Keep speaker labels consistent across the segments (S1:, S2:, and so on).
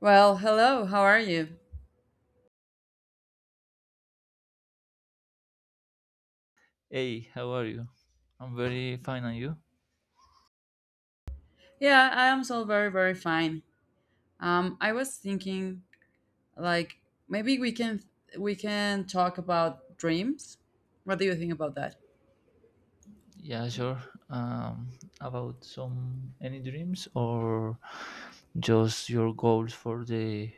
S1: Well, hello, how are you?
S2: Hey, how are you? I'm very fine, and you?
S1: Yeah, I am so very, very fine. I was thinking, like, maybe we can talk about dreams. What do you think about that?
S2: Yeah, sure. Um, about some any dreams or just your goals for the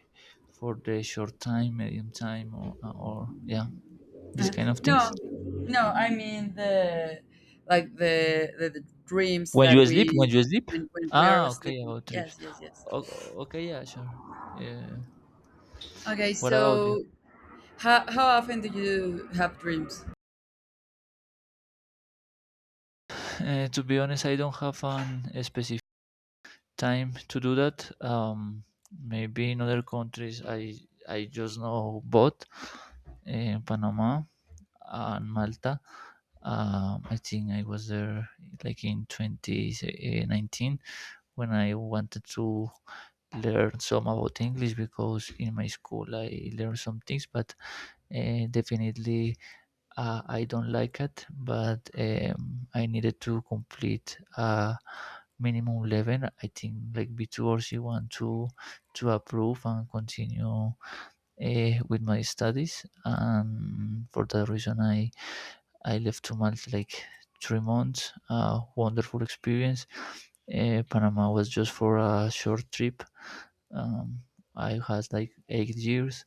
S2: for the short time, medium time, or yeah, this kind of things.
S1: No, no, I mean the like the dreams
S2: When you
S1: that
S2: sleep,
S1: we,
S2: when you sleep.
S1: when we
S2: Ah,
S1: are
S2: okay,
S1: sleeping.
S2: about trips.
S1: Yes, yes, yes.
S2: Okay, yeah, sure. Yeah.
S1: Okay,
S2: What about you?
S1: so how often do you have dreams?
S2: To be honest, I don't have an specific time to do that. Maybe in other countries, I just know both in Panama and Malta. I think I was there like in 2019 when I wanted to learn some about English because in my school I learned some things, but definitely I don't like it, but I needed to complete a minimum level. I think like B2 or C1 to approve and continue with my studies. And for that reason, I left to Malta like 3 months. Wonderful experience. Panama was just for a short trip. Um, I had like 8 years,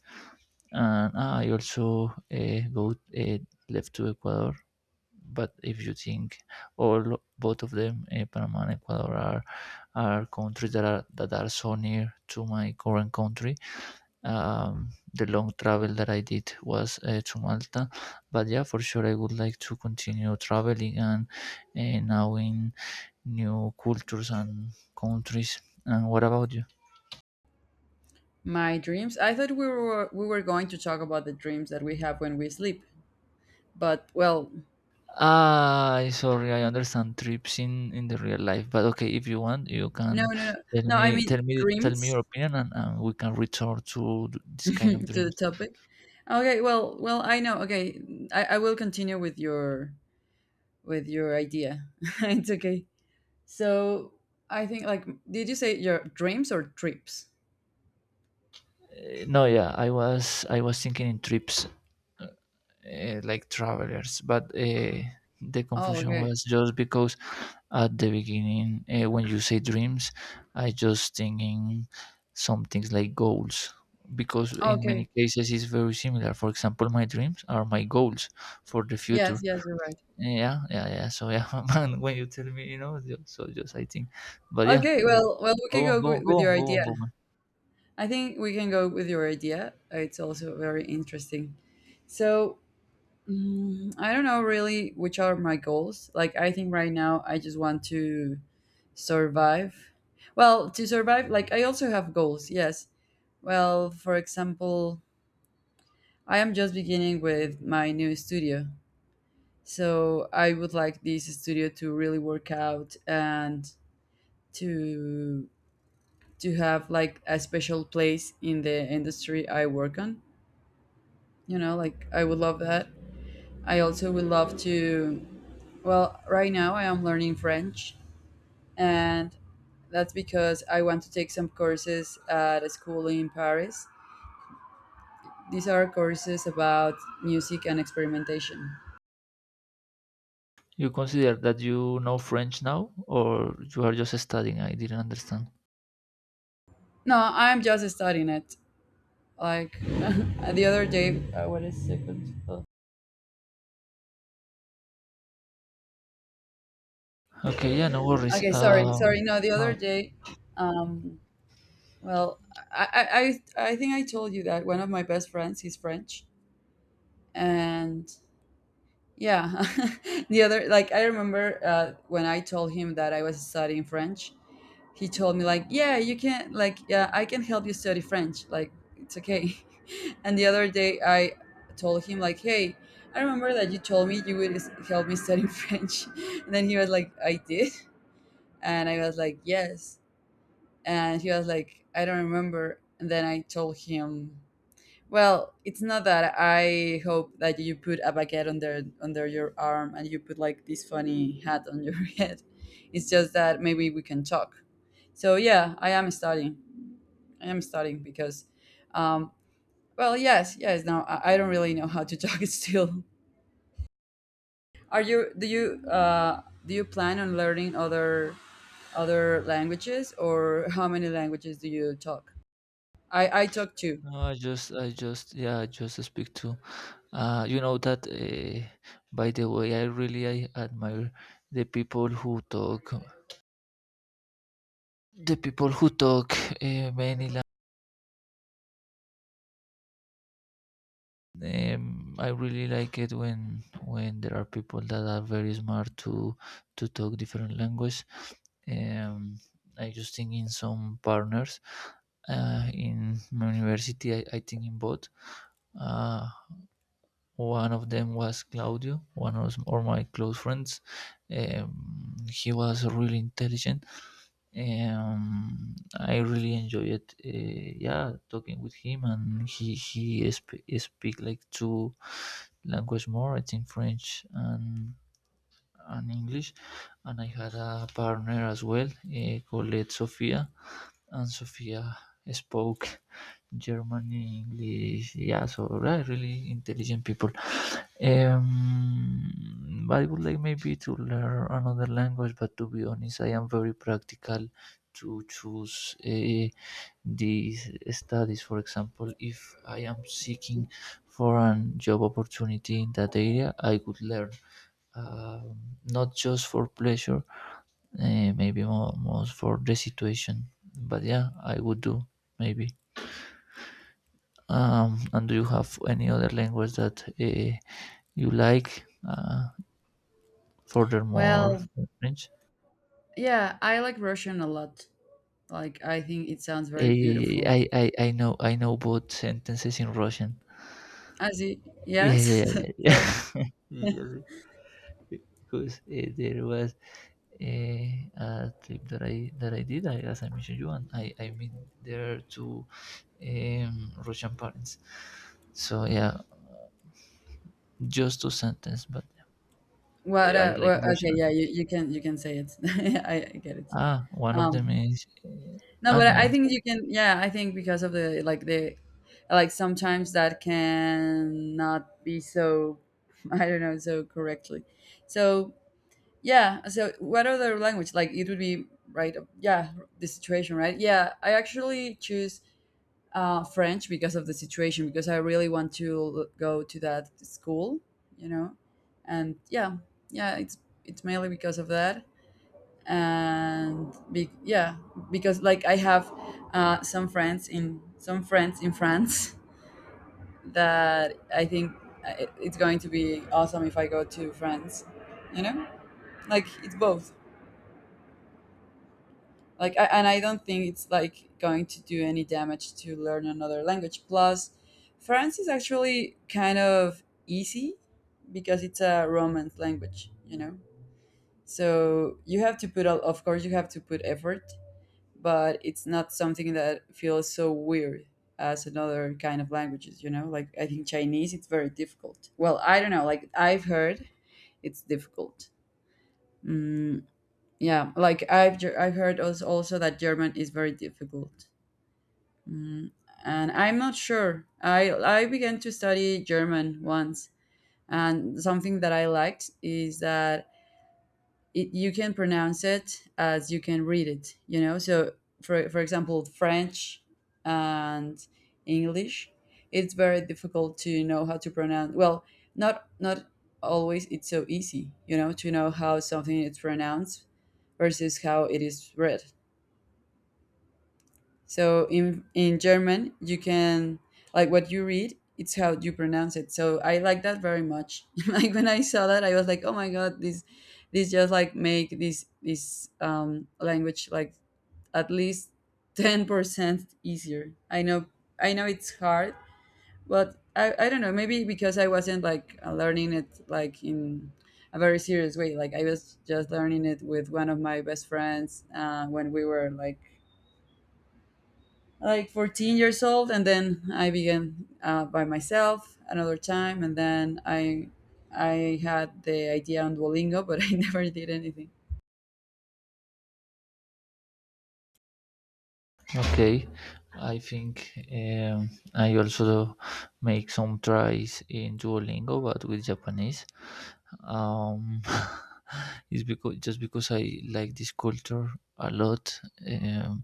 S2: and I also go left to Ecuador, but if you think all both of them, Panama and Ecuador, are countries that are so near to my current country. The long travel that I did was to Malta, but yeah, for sure I would like to continue traveling and now in new cultures and countries. And what about you?
S1: My dreams? I thought we were going to talk about the dreams that we have when we sleep. But, well,
S2: Ah, sorry, I understand trips in the real life, but okay, if you want, you
S1: no,
S2: can
S1: no, no.
S2: tell
S1: No, I
S2: me
S1: mean
S2: tell me tell me
S1: dreams.
S2: your opinion, and we can return to this kind of
S1: To the
S2: dreams.
S1: topic. Okay, well, I know. Okay, I will continue with your idea. It's okay. So I think, like, did you say your dreams or trips?
S2: No, yeah, I was thinking in trips, like travelers, but the
S1: Oh,
S2: confusion
S1: okay,
S2: was just because at the beginning, when you say dreams, I just thinking some things like goals. Because in many
S1: okay.
S2: cases it's very similar. For example, my dreams are my goals for the
S1: Yes,
S2: future.
S1: yes, you're right.
S2: Yeah, yeah, yeah. So yeah, man, when you tell me, so just I think, but yeah,
S1: Okay, well, we
S2: go
S1: can
S2: on,
S1: go
S2: go on,
S1: with,
S2: go
S1: with
S2: on,
S1: your
S2: go on,
S1: idea.
S2: go on.
S1: I think we can go with your idea. It's also very interesting. So, I don't know really which are my goals. Like, I think right now I just want to survive. Well, to survive, like, I also have goals. Yes. Well, for example, I am just beginning with my new studio. So I would like this studio to really work out and to to have like a special place in the industry I work on. You know, like, I would love that. I also would love to. Well, right now I am learning French, and that's because I want to take some courses at a school in Paris. These are courses about music and experimentation.
S2: You consider that you know French now, or you are just studying? I didn't understand.
S1: No, I'm just studying it. Like, the other day, what is second? Oh.
S2: Okay, yeah, no worries.
S1: Okay, sorry, sorry. No, the other
S2: No,
S1: day, um, well, I, I think I told you that one of my best friends is French, and, yeah. The other, like, I remember when I told him that I was studying French, he told me, like, yeah, you can, like, yeah, I can help you study French. Like, it's okay. And the other day, I told him, like, hey, I remember that you told me you would help me study French. And then he was like, I did. And I was like, yes. And he was like, I don't remember. And then I told him, well, it's not that I hope that you put a baguette under your arm and you put like this funny hat on your head. It's just that maybe we can talk. So, yeah, I am studying. I am studying because, um, well, yes, yes. Now I don't really know how to talk still. Are you? Do you? Do you plan on learning other languages, or how many languages do you talk? I talk two.
S2: no, yeah, I just speak to. You know that. By the way, I admire the people who talk, the people who talk many languages. I really like it when there are people that are very smart to talk different language. Um, I just think in some partners in my university. I think in both. Uh, One of them was Claudio, one of or my close friends. He was really intelligent, I really enjoy it. Yeah, talking with him, and he speak like two language more. I think French and English. And I had a partner as well called Sofia, and Sofia spoke Germany, English, yeah, so right, really intelligent people. But I would like maybe to learn another language, but to be honest, I am very practical to choose these studies. For example, if I am seeking for a job opportunity in that area, I could learn, um, not just for pleasure, maybe more, most for the situation. But yeah, I would do maybe. And do you have any other language that you like? Furthermore,
S1: Well,
S2: French.
S1: yeah, I like Russian a lot. Like, I think it sounds very beautiful.
S2: I know both sentences in Russian.
S1: As you,
S2: Yeah,
S1: yes.
S2: yeah, yeah.
S1: So,
S2: Yeah. Usually, because there was a trip that I did, as I mentioned you, and I meet there two Russian parents. So yeah, just two sentences, but
S1: what?
S2: I like
S1: Well, okay, yeah,
S2: Russian.
S1: you can say it. I get it.
S2: Ah, one of them
S1: Um,
S2: is.
S1: no,
S2: Ah,
S1: but
S2: no,
S1: I
S2: yeah,
S1: think you can. Yeah, I think because of the like, the like, sometimes that can not be so, I don't know so correctly. So yeah. So what other language? Like, it would be right. Yeah, the situation, right? Yeah, I actually choose French because of the situation, because I really want to go to that school, you know, and yeah, yeah, it's mainly because of that, and yeah, because, like, I have some friends in France that I think it's going to be awesome if I go to France, you know, like, it's both. And I don't think it's like going to do any damage to learn another language. Plus, French is actually kind of easy because it's a romance language, you know. So you have to put of course, you have to put effort, but it's not something that feels so weird as another kind of languages, you know. Like, I think Chinese, it's very difficult. Well, I don't know, like, I've heard it's difficult. Mm, yeah, like, I've heard, also, that German is very difficult. Mm, and I'm not sure. I began to study German once, and something that I liked is that, you can pronounce it as you can read it. You know, so, for example, French and English, it's very difficult to know how to pronounce. Well, not always. It's so easy, you know, to know how something is pronounced versus how it is read. So, in German, you can, like, what you read, it's how you pronounce it. So I like that very much. Like, when I saw that, I was like, oh my god, this just like make this language like at least 10% easier. I know it's hard, but I don't know. Maybe because I wasn't like learning it like in a very serious way. Like, I was just learning it with one of my best friends when we were like 14 years old, and then I began by myself another time, and then I had the idea on Duolingo, but I never did anything.
S2: okay, I think, I also make some tries in Duolingo, but with Japanese. Um, it's because just because I like this culture a lot. Um,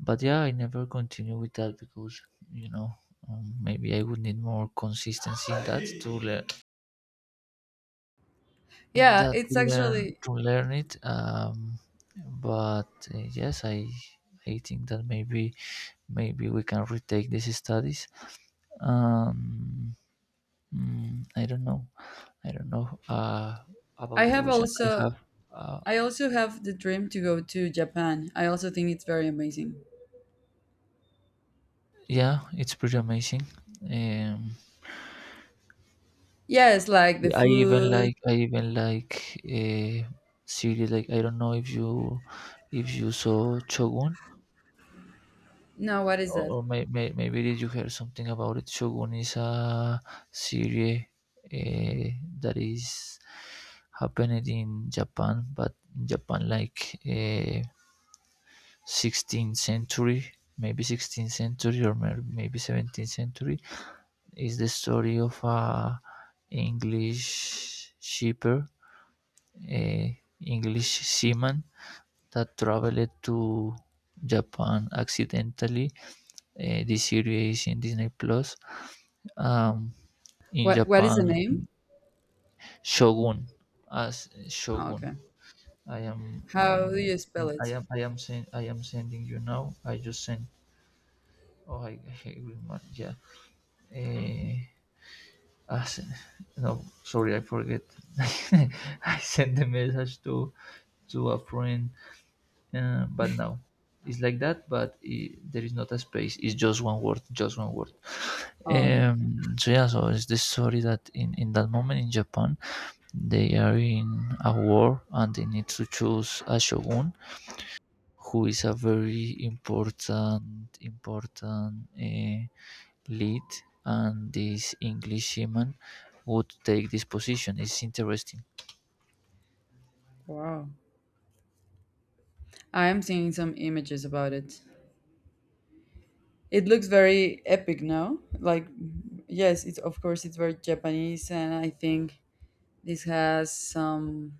S2: but yeah, I never continue with that because you know maybe I would need more consistency in that to learn in
S1: Yeah,
S2: that
S1: it's actually,
S2: to learn it, but yes, I think that maybe we can retake these studies. um mm, i don't know I don't know
S1: i
S2: about
S1: have
S2: Russian. I
S1: also
S2: have. uh,
S1: I also have the dream to go to Japan. I also think it's very amazing.
S2: yeah, it's pretty amazing. um
S1: Yes, like the
S2: i even
S1: food.
S2: like i even like a series, like I don't know if you saw Shogun.
S1: No, what is
S2: Or
S1: that?
S2: or maybe did you hear something about it? Shogun is a series uh, that is happened in Japan, but in Japan like 16th century, maybe 16th century or maybe 17th century. Is the story of a English shipper, a English seaman that traveled to Japan accidentally. This series is in Disney Plus, um, in
S1: What is the
S2: Japan.
S1: name?
S2: Shogun as
S1: Oh,
S2: Shogun.
S1: okay.
S2: I am I
S1: How do
S2: am
S1: you spell
S2: I
S1: it?
S2: am I am I am sending you now. I just sent. Oh, I agree, Mark. Yeah. Eh, as, no, sorry, I forget. I sent the message to a friend, but now it's like that. But I there is not a space. It's just one word. Just one word.
S1: Oh, okay, okay.
S2: So yeah. So it's the story that in that moment in Japan. They are in a war and they need to choose a shogun who is a very important lead, and this Englishman would take this position. It's interesting.
S1: Wow, I am seeing some images about it. It looks very epic now. Like, yes, it's, of course, it's very Japanese, and I think this has some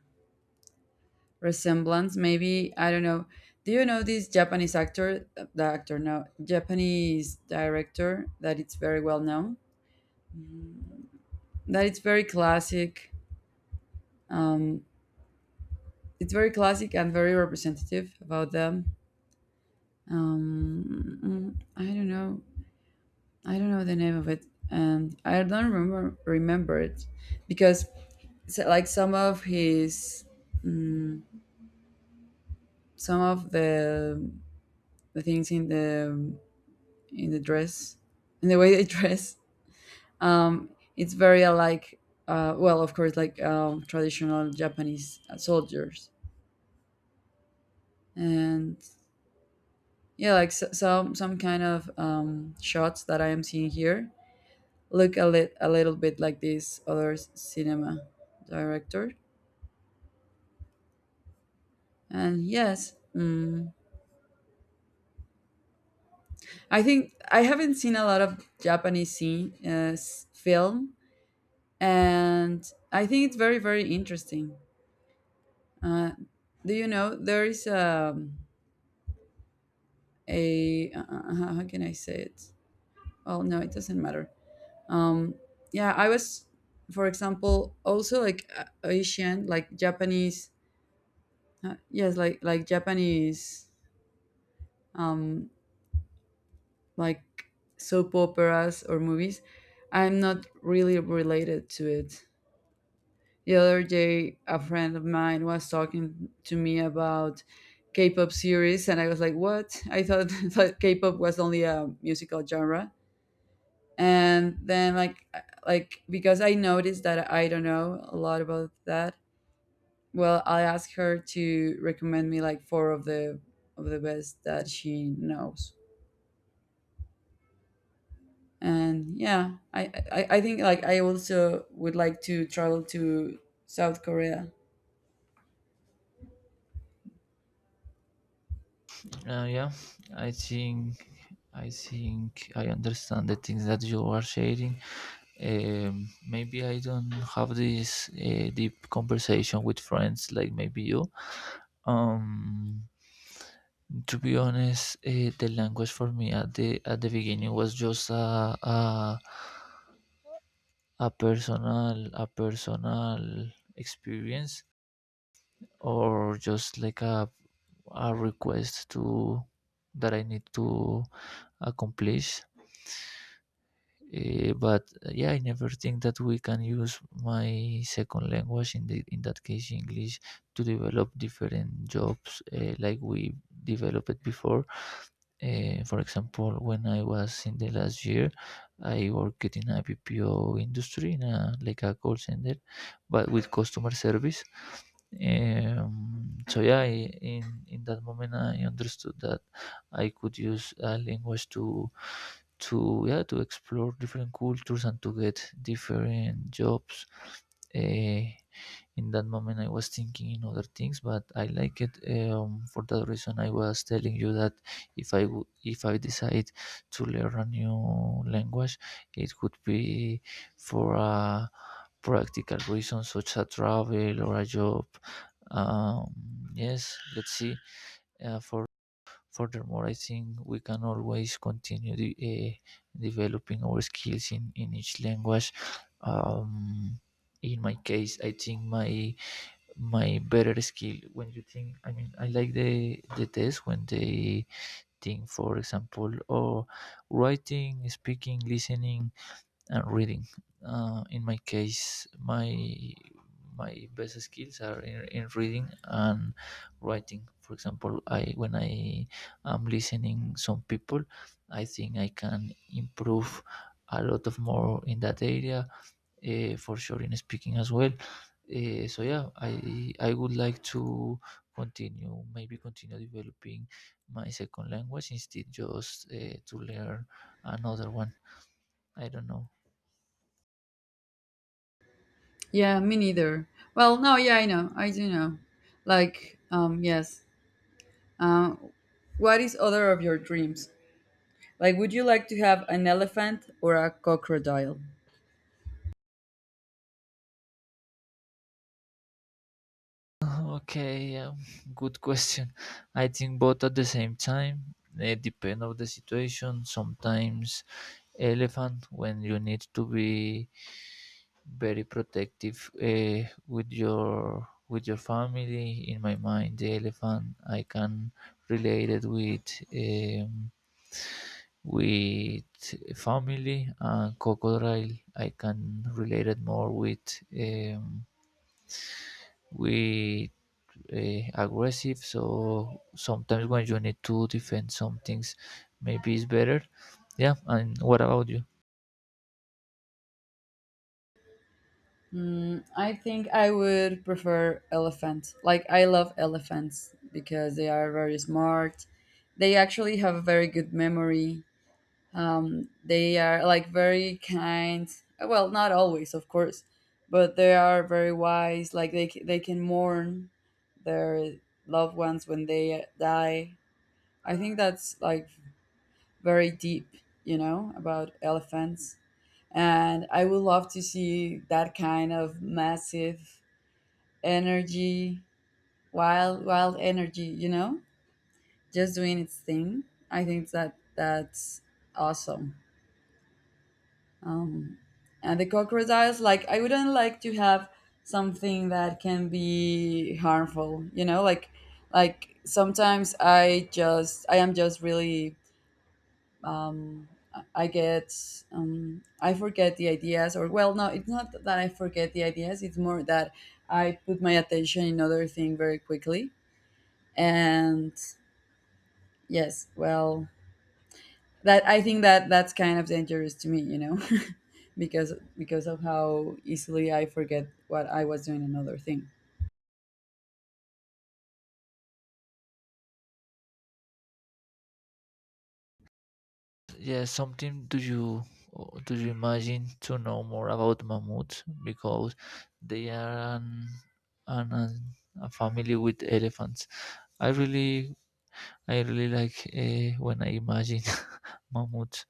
S1: resemblance. Maybe, I don't know. Do you know this Japanese actor? The actor, no, Japanese director that it's very well known. That it's very classic. Um, it's very classic and very representative about them. Um, I don't know. I don't know the name of it, and I don't remember it because, so, like, some of his, mm, some of the things in the, in the dress, in the way they dress, um it's very like, well, of course, like, traditional Japanese soldiers. And, yeah, like, so, some kind of shots that I am seeing here look a little bit like this other cinema director. And yes. I think I haven't seen a lot of Japanese scene, film, and I think it's very, very interesting. Uh, do you know there is a how can I say it? Well, no, it doesn't matter. Um, yeah, I was, for example, also like, Asian, like Japanese. Yes, like, Japanese, um, like soap operas or movies. I'm not really related to it. The other day, a friend of mine was talking to me about K-pop series, and I was like, "What?" I thought that K-pop was only a musical genre. And then, like, because I noticed that I don't know a lot about that. Well, I asked her to recommend me, like, four of the best that she knows. And yeah, I think, like, I also would like to travel to South Korea.
S2: Yeah, I think I think I understand the things that you are sharing. Maybe I don't have this deep conversation with friends like maybe you. Um, to be honest, the language for me at the beginning was just a personal experience or just like a request to that I need to accomplish. But yeah, I never think that we can use my second language in the in that case English to develop different jobs like we developed before. For example, when I was in the last year, I worked in a BPO industry, in a, like a call center, but with customer service. So yeah, in that moment, I understood that I could use language to explore different cultures and to get different jobs. Uh, in that moment I was thinking in other things, but I like it, for that reason I was telling you that if if I decide to learn a new language, it could be for a practical reason such as travel or a job. Yes, let's see. For Furthermore, I think we can always continue the developing our skills in each language. um, in my case I think my better skill, when you think, I mean, I like the test when they think, for example, oh, writing, speaking, listening, and reading. In my case my best skills are in reading and writing. For example, I when I am listening some people, I think I can improve a lot of more in that area, for sure in speaking as well. So yeah, I would like to continue, maybe continue developing my second language, instead just to learn another one. I don't know.
S1: Yeah, me neither. Well, no, yeah, I know. I do know. Like, yes. Uh, what is other of your dreams? Like, would you like to have an elephant or a crocodile?
S2: Okay, good question. I think both at the same time. It depends of the situation. Sometimes elephant when you need to be very protective with your family. In my mind, the elephant I can relate it um, with family, and crocodile I can relate it more with aggressive. So sometimes when you need to defend some things, maybe it's better. Yeah. And what about you?
S1: I think I would prefer elephant. Like, I love elephants because they are very smart. They actually have a very good memory. They are like very kind. Well, not always, of course, but they are very wise. Like, they can mourn their loved ones when they die. I think that's like very deep, you know, about elephants. And I would love to see that kind of massive energy, wild energy, you know, just doing its thing. I think that that's awesome. Um, and the crocodiles, like, I wouldn't like to have something that can be harmful. You know, like sometimes I am just really, um, I get, I forget the ideas, or, well, no, it's not that I forget the ideas. It's more that I put my attention in other thing very quickly. And yes, well, that I think that that's kind of dangerous to me, you know, because of how easily I forget what I was doing another thing.
S2: Yeah, something, do you imagine to know more about mammoths, because they are an a family with elephants. I really I really like when I imagine mammoths.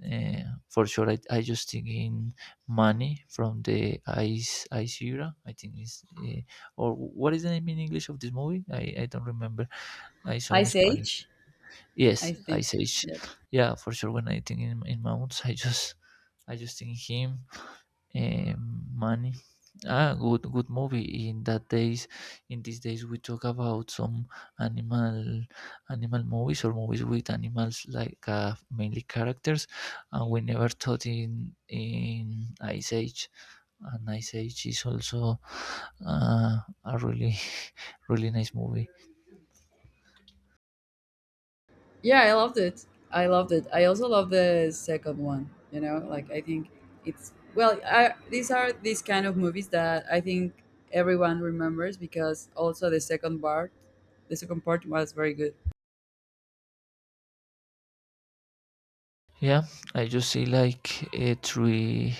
S2: Uh, for sure, I just think in Manny from the Ice Era. I think is, or what is the name in English of this movie? I don't remember. I saw in
S1: Ice
S2: Spanish.
S1: Age, I
S2: Yes,
S1: think.
S2: Ice Age.
S1: Yes.
S2: Yeah, for sure. When I think in mounts, I just think him, money. Ah, good movie. In that days, in these days, we talk about some animal animal movies or movies with animals like, mainly characters, and we never thought in Ice Age. And Ice Age is also a really really nice movie.
S1: Yeah, I loved it. I also love the second one, you know. Like, I think, it's well I, these are these kind of movies that I think everyone remembers, because also the second part was very good.
S2: Yeah, I just see like, three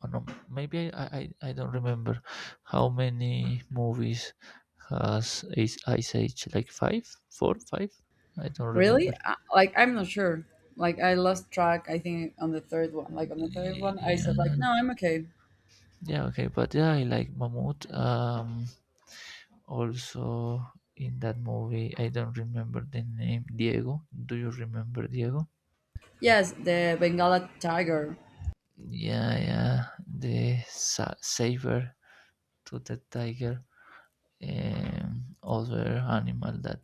S2: or no, maybe, I don't remember how many movies has Ice Age, like five, four, five. I don't remember.
S1: Really? Like, I'm not sure. Like, I lost track. I think on the third one. Like, on the third one, I said like, no,
S2: Yeah,
S1: I'm okay.
S2: yeah, okay, but yeah, I like Mahmoud. Also in that movie, I don't remember the name Diego. Do you remember Diego?
S1: Yes, the Bengala tiger.
S2: Yeah, yeah, the saber to the tiger, other animal that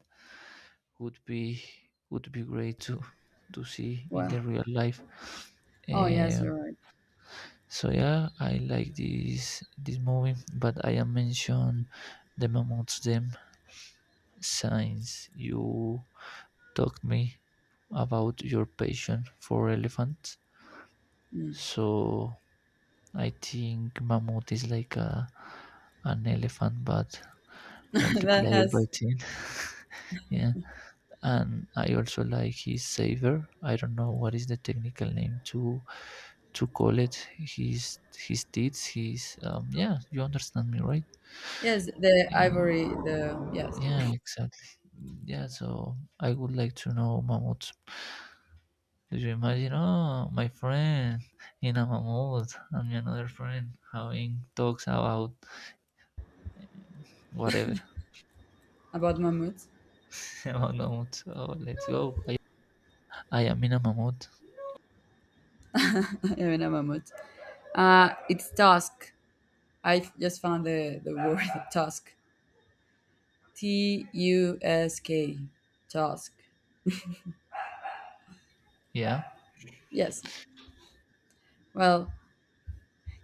S2: would be would be great to see in
S1: Well,
S2: the real life.
S1: oh yes, you're
S2: Um,
S1: right.
S2: so yeah, I like this movie, but I am mention the mammoths them since you talked me about your passion for elephants.
S1: Mm.
S2: So I think mammoth is like a an elephant but
S1: That
S2: multiplied by
S1: has,
S2: 10. Yeah. And I also like his saver. I don't know what is the technical name to call it. His deeds. His yeah. You understand me, right?
S1: yes, the
S2: And
S1: ivory. The, yes,
S2: yeah, exactly. Yeah. So I would like to know Mahmoud. Do you imagine? Oh, my friend in a Mahmoud and my another friend having talks about whatever
S1: about mammoths.
S2: about Mahmoud. Oh, let's go. I am in a Mahmoud.
S1: Even a mammoth. It's tusk. I just found the word tusk. T U S K. Tusk. Tusk.
S2: Yeah.
S1: Yes. Well,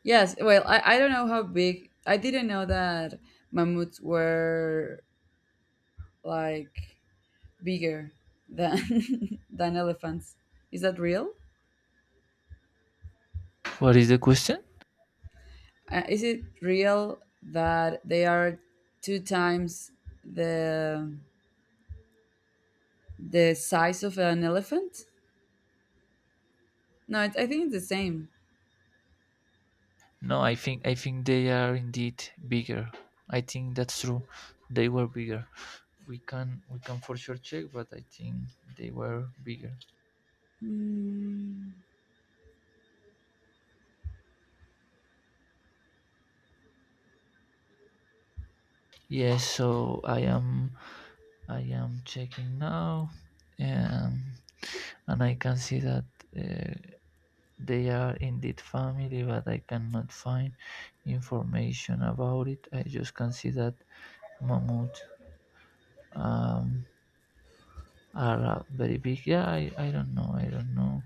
S1: yes, well, I don't know how big. I didn't know that mammoths were like bigger than than elephants. Is that real?
S2: What is the question?
S1: Is it real that they are two times the the size of an elephant? No, I think it's the same.
S2: No, I think they are indeed bigger. I think that's true. They were bigger. We can for sure check, but I think they were bigger.
S1: Hmm.
S2: Yes, so I am checking now, um, and I can see that uh, they are indeed family, but I cannot find information about it. I just can see that mammoth um, are very big. Yeah, I don't know. I don't know.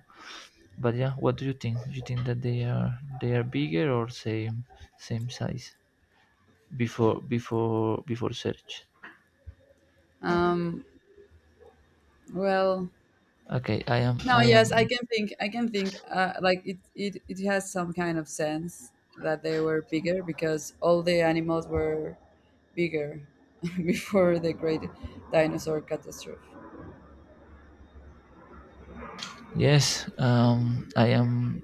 S2: But yeah, what do you think? Do you think that they are bigger or same same size before search?
S1: Um. Well,
S2: Okay,
S1: no,
S2: I
S1: yes, I
S2: am
S1: can think. I can think. Like, it has some kind of sense that they were bigger because all the animals were bigger before the great dinosaur catastrophe.
S2: yes I am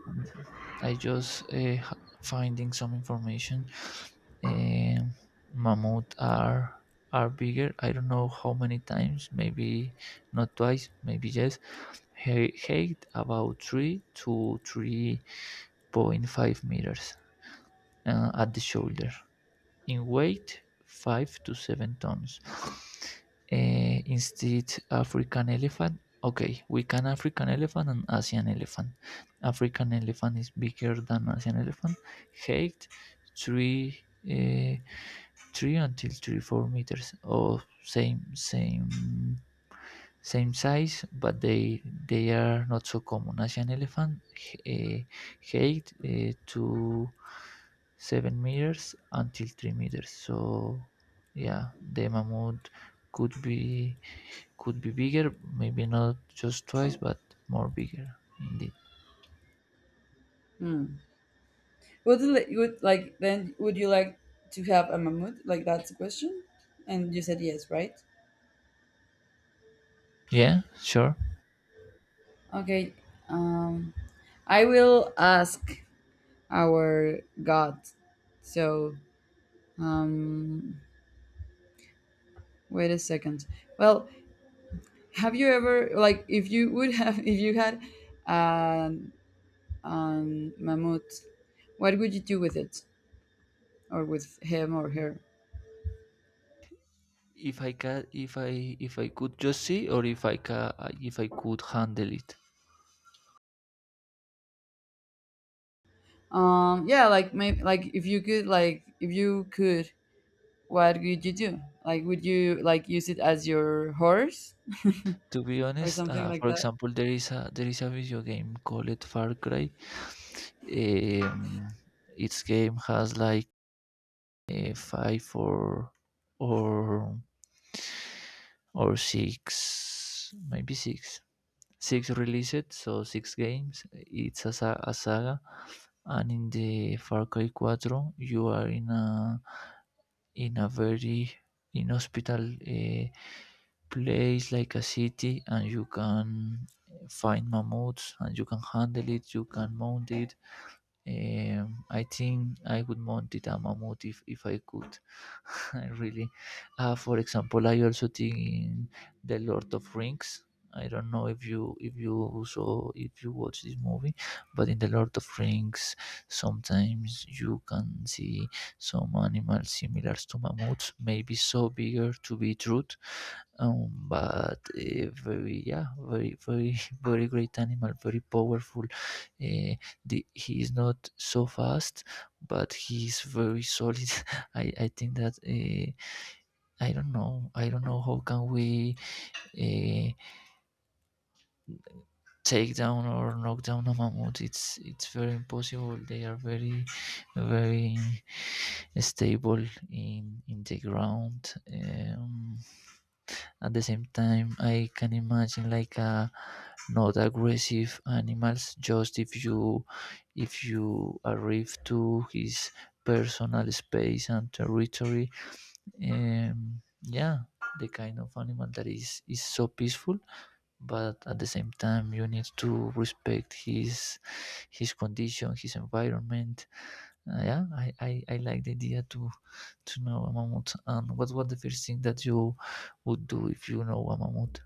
S2: I just finding some information. Um, mammoth are bigger. I don't know how many times. Maybe not twice. Maybe yes. Height about three point five meters at the shoulder. In weight, 5 to 7 tons. Eh, instead, African elephant. Okay, we can African elephant and Asian elephant. African elephant is bigger than Asian elephant. Height, 3, eh, 3 until 4 meters. Or oh, same size, but they are not so common. Asian elephant uh, height to 7 meters until 3 meters. So yeah, the mammoth could be could be bigger, maybe not just twice, but more bigger indeed.
S1: Hmm. Would like then? Would you like to have a mammoth? Like, that's the question, and you said yes, right?
S2: Yeah, sure.
S1: Okay. Um, I will ask our God. So, um, wait a second. Well, have you ever, like, if you had an mammoth, what would you do with it or with him or her?
S2: If I can, if I could just see, or if I can, if I could handle it.
S1: Yeah, like, maybe, like, if you could, what would you do? Like, would you like, use it as your horse
S2: To be
S1: or
S2: honest,
S1: something like
S2: for
S1: that?
S2: example, there is a video game called Far Cry. Um, its game has like five or or or six, maybe six, six released, so six games. It's a, a saga, and in the Far Cry 4, you are in a very inhospitable place like a city and you can find mammoths and you can handle it you can mount it I think I would mount it a mammoth if I could I really for example I also think in the Lord of Rings I don't know if you saw if you watch this movie but in the Lord of Rings sometimes you can see some animals similar to mammoths maybe so bigger to be truth but very yeah very very great animal very powerful the, he is not so fast but he is very solid I think that I don't know how can we uh, take down or knock down a mammoth it's very impossible they are very very stable in the ground at the same time I can imagine like a not aggressive animals just if you arrive to his personal space and territory yeah the kind of animal that is so peaceful but at the same time you need to respect his condition his environment. Yeah I like the idea to know a mammoth and what was the first thing that you would do if you know a mammoth.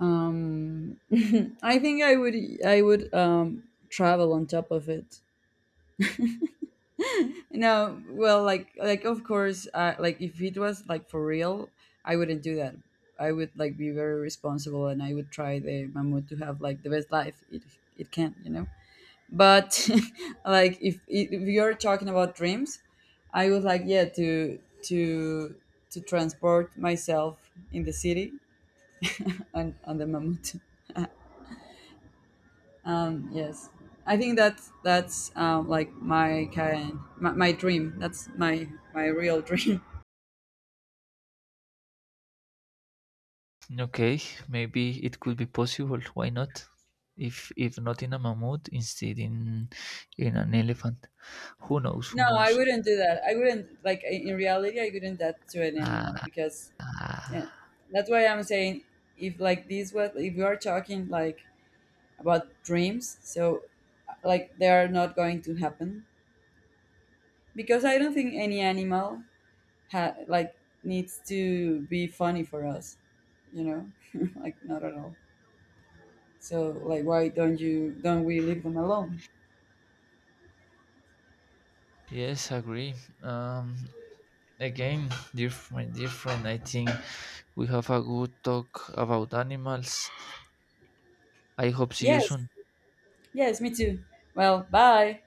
S1: Um, I think I would travel on top of it. No, well, like, of course, like, if it was like for real, I wouldn't do that. I would like be very responsible, and I would try the mammoth to have like the best life it can, you know. But, like, if you're talking about dreams, I would like, yeah, to transport myself in the city on the mammoth. Yes, I think that's like my dream. That's my real dream.
S2: Okay, maybe it could be possible. Why not? If not in a mammoth, instead in an elephant. Who knows?
S1: No,
S2: Who
S1: I
S2: knows?
S1: wouldn't do that. I wouldn't like, in reality. I wouldn't that to an animal because,
S2: Ah,
S1: yeah, that's why I'm saying, if like these what if we are talking like about dreams, so like they are not going to happen because I don't think any animal like needs to be funny for us. You know, like, not at all. So, like, why don't we leave them alone?
S2: yes, agree. Um, again, my dear friend, I think we have a good talk about animals. I hope see you
S1: Yes,
S2: soon.
S1: yes, me too. Well, bye.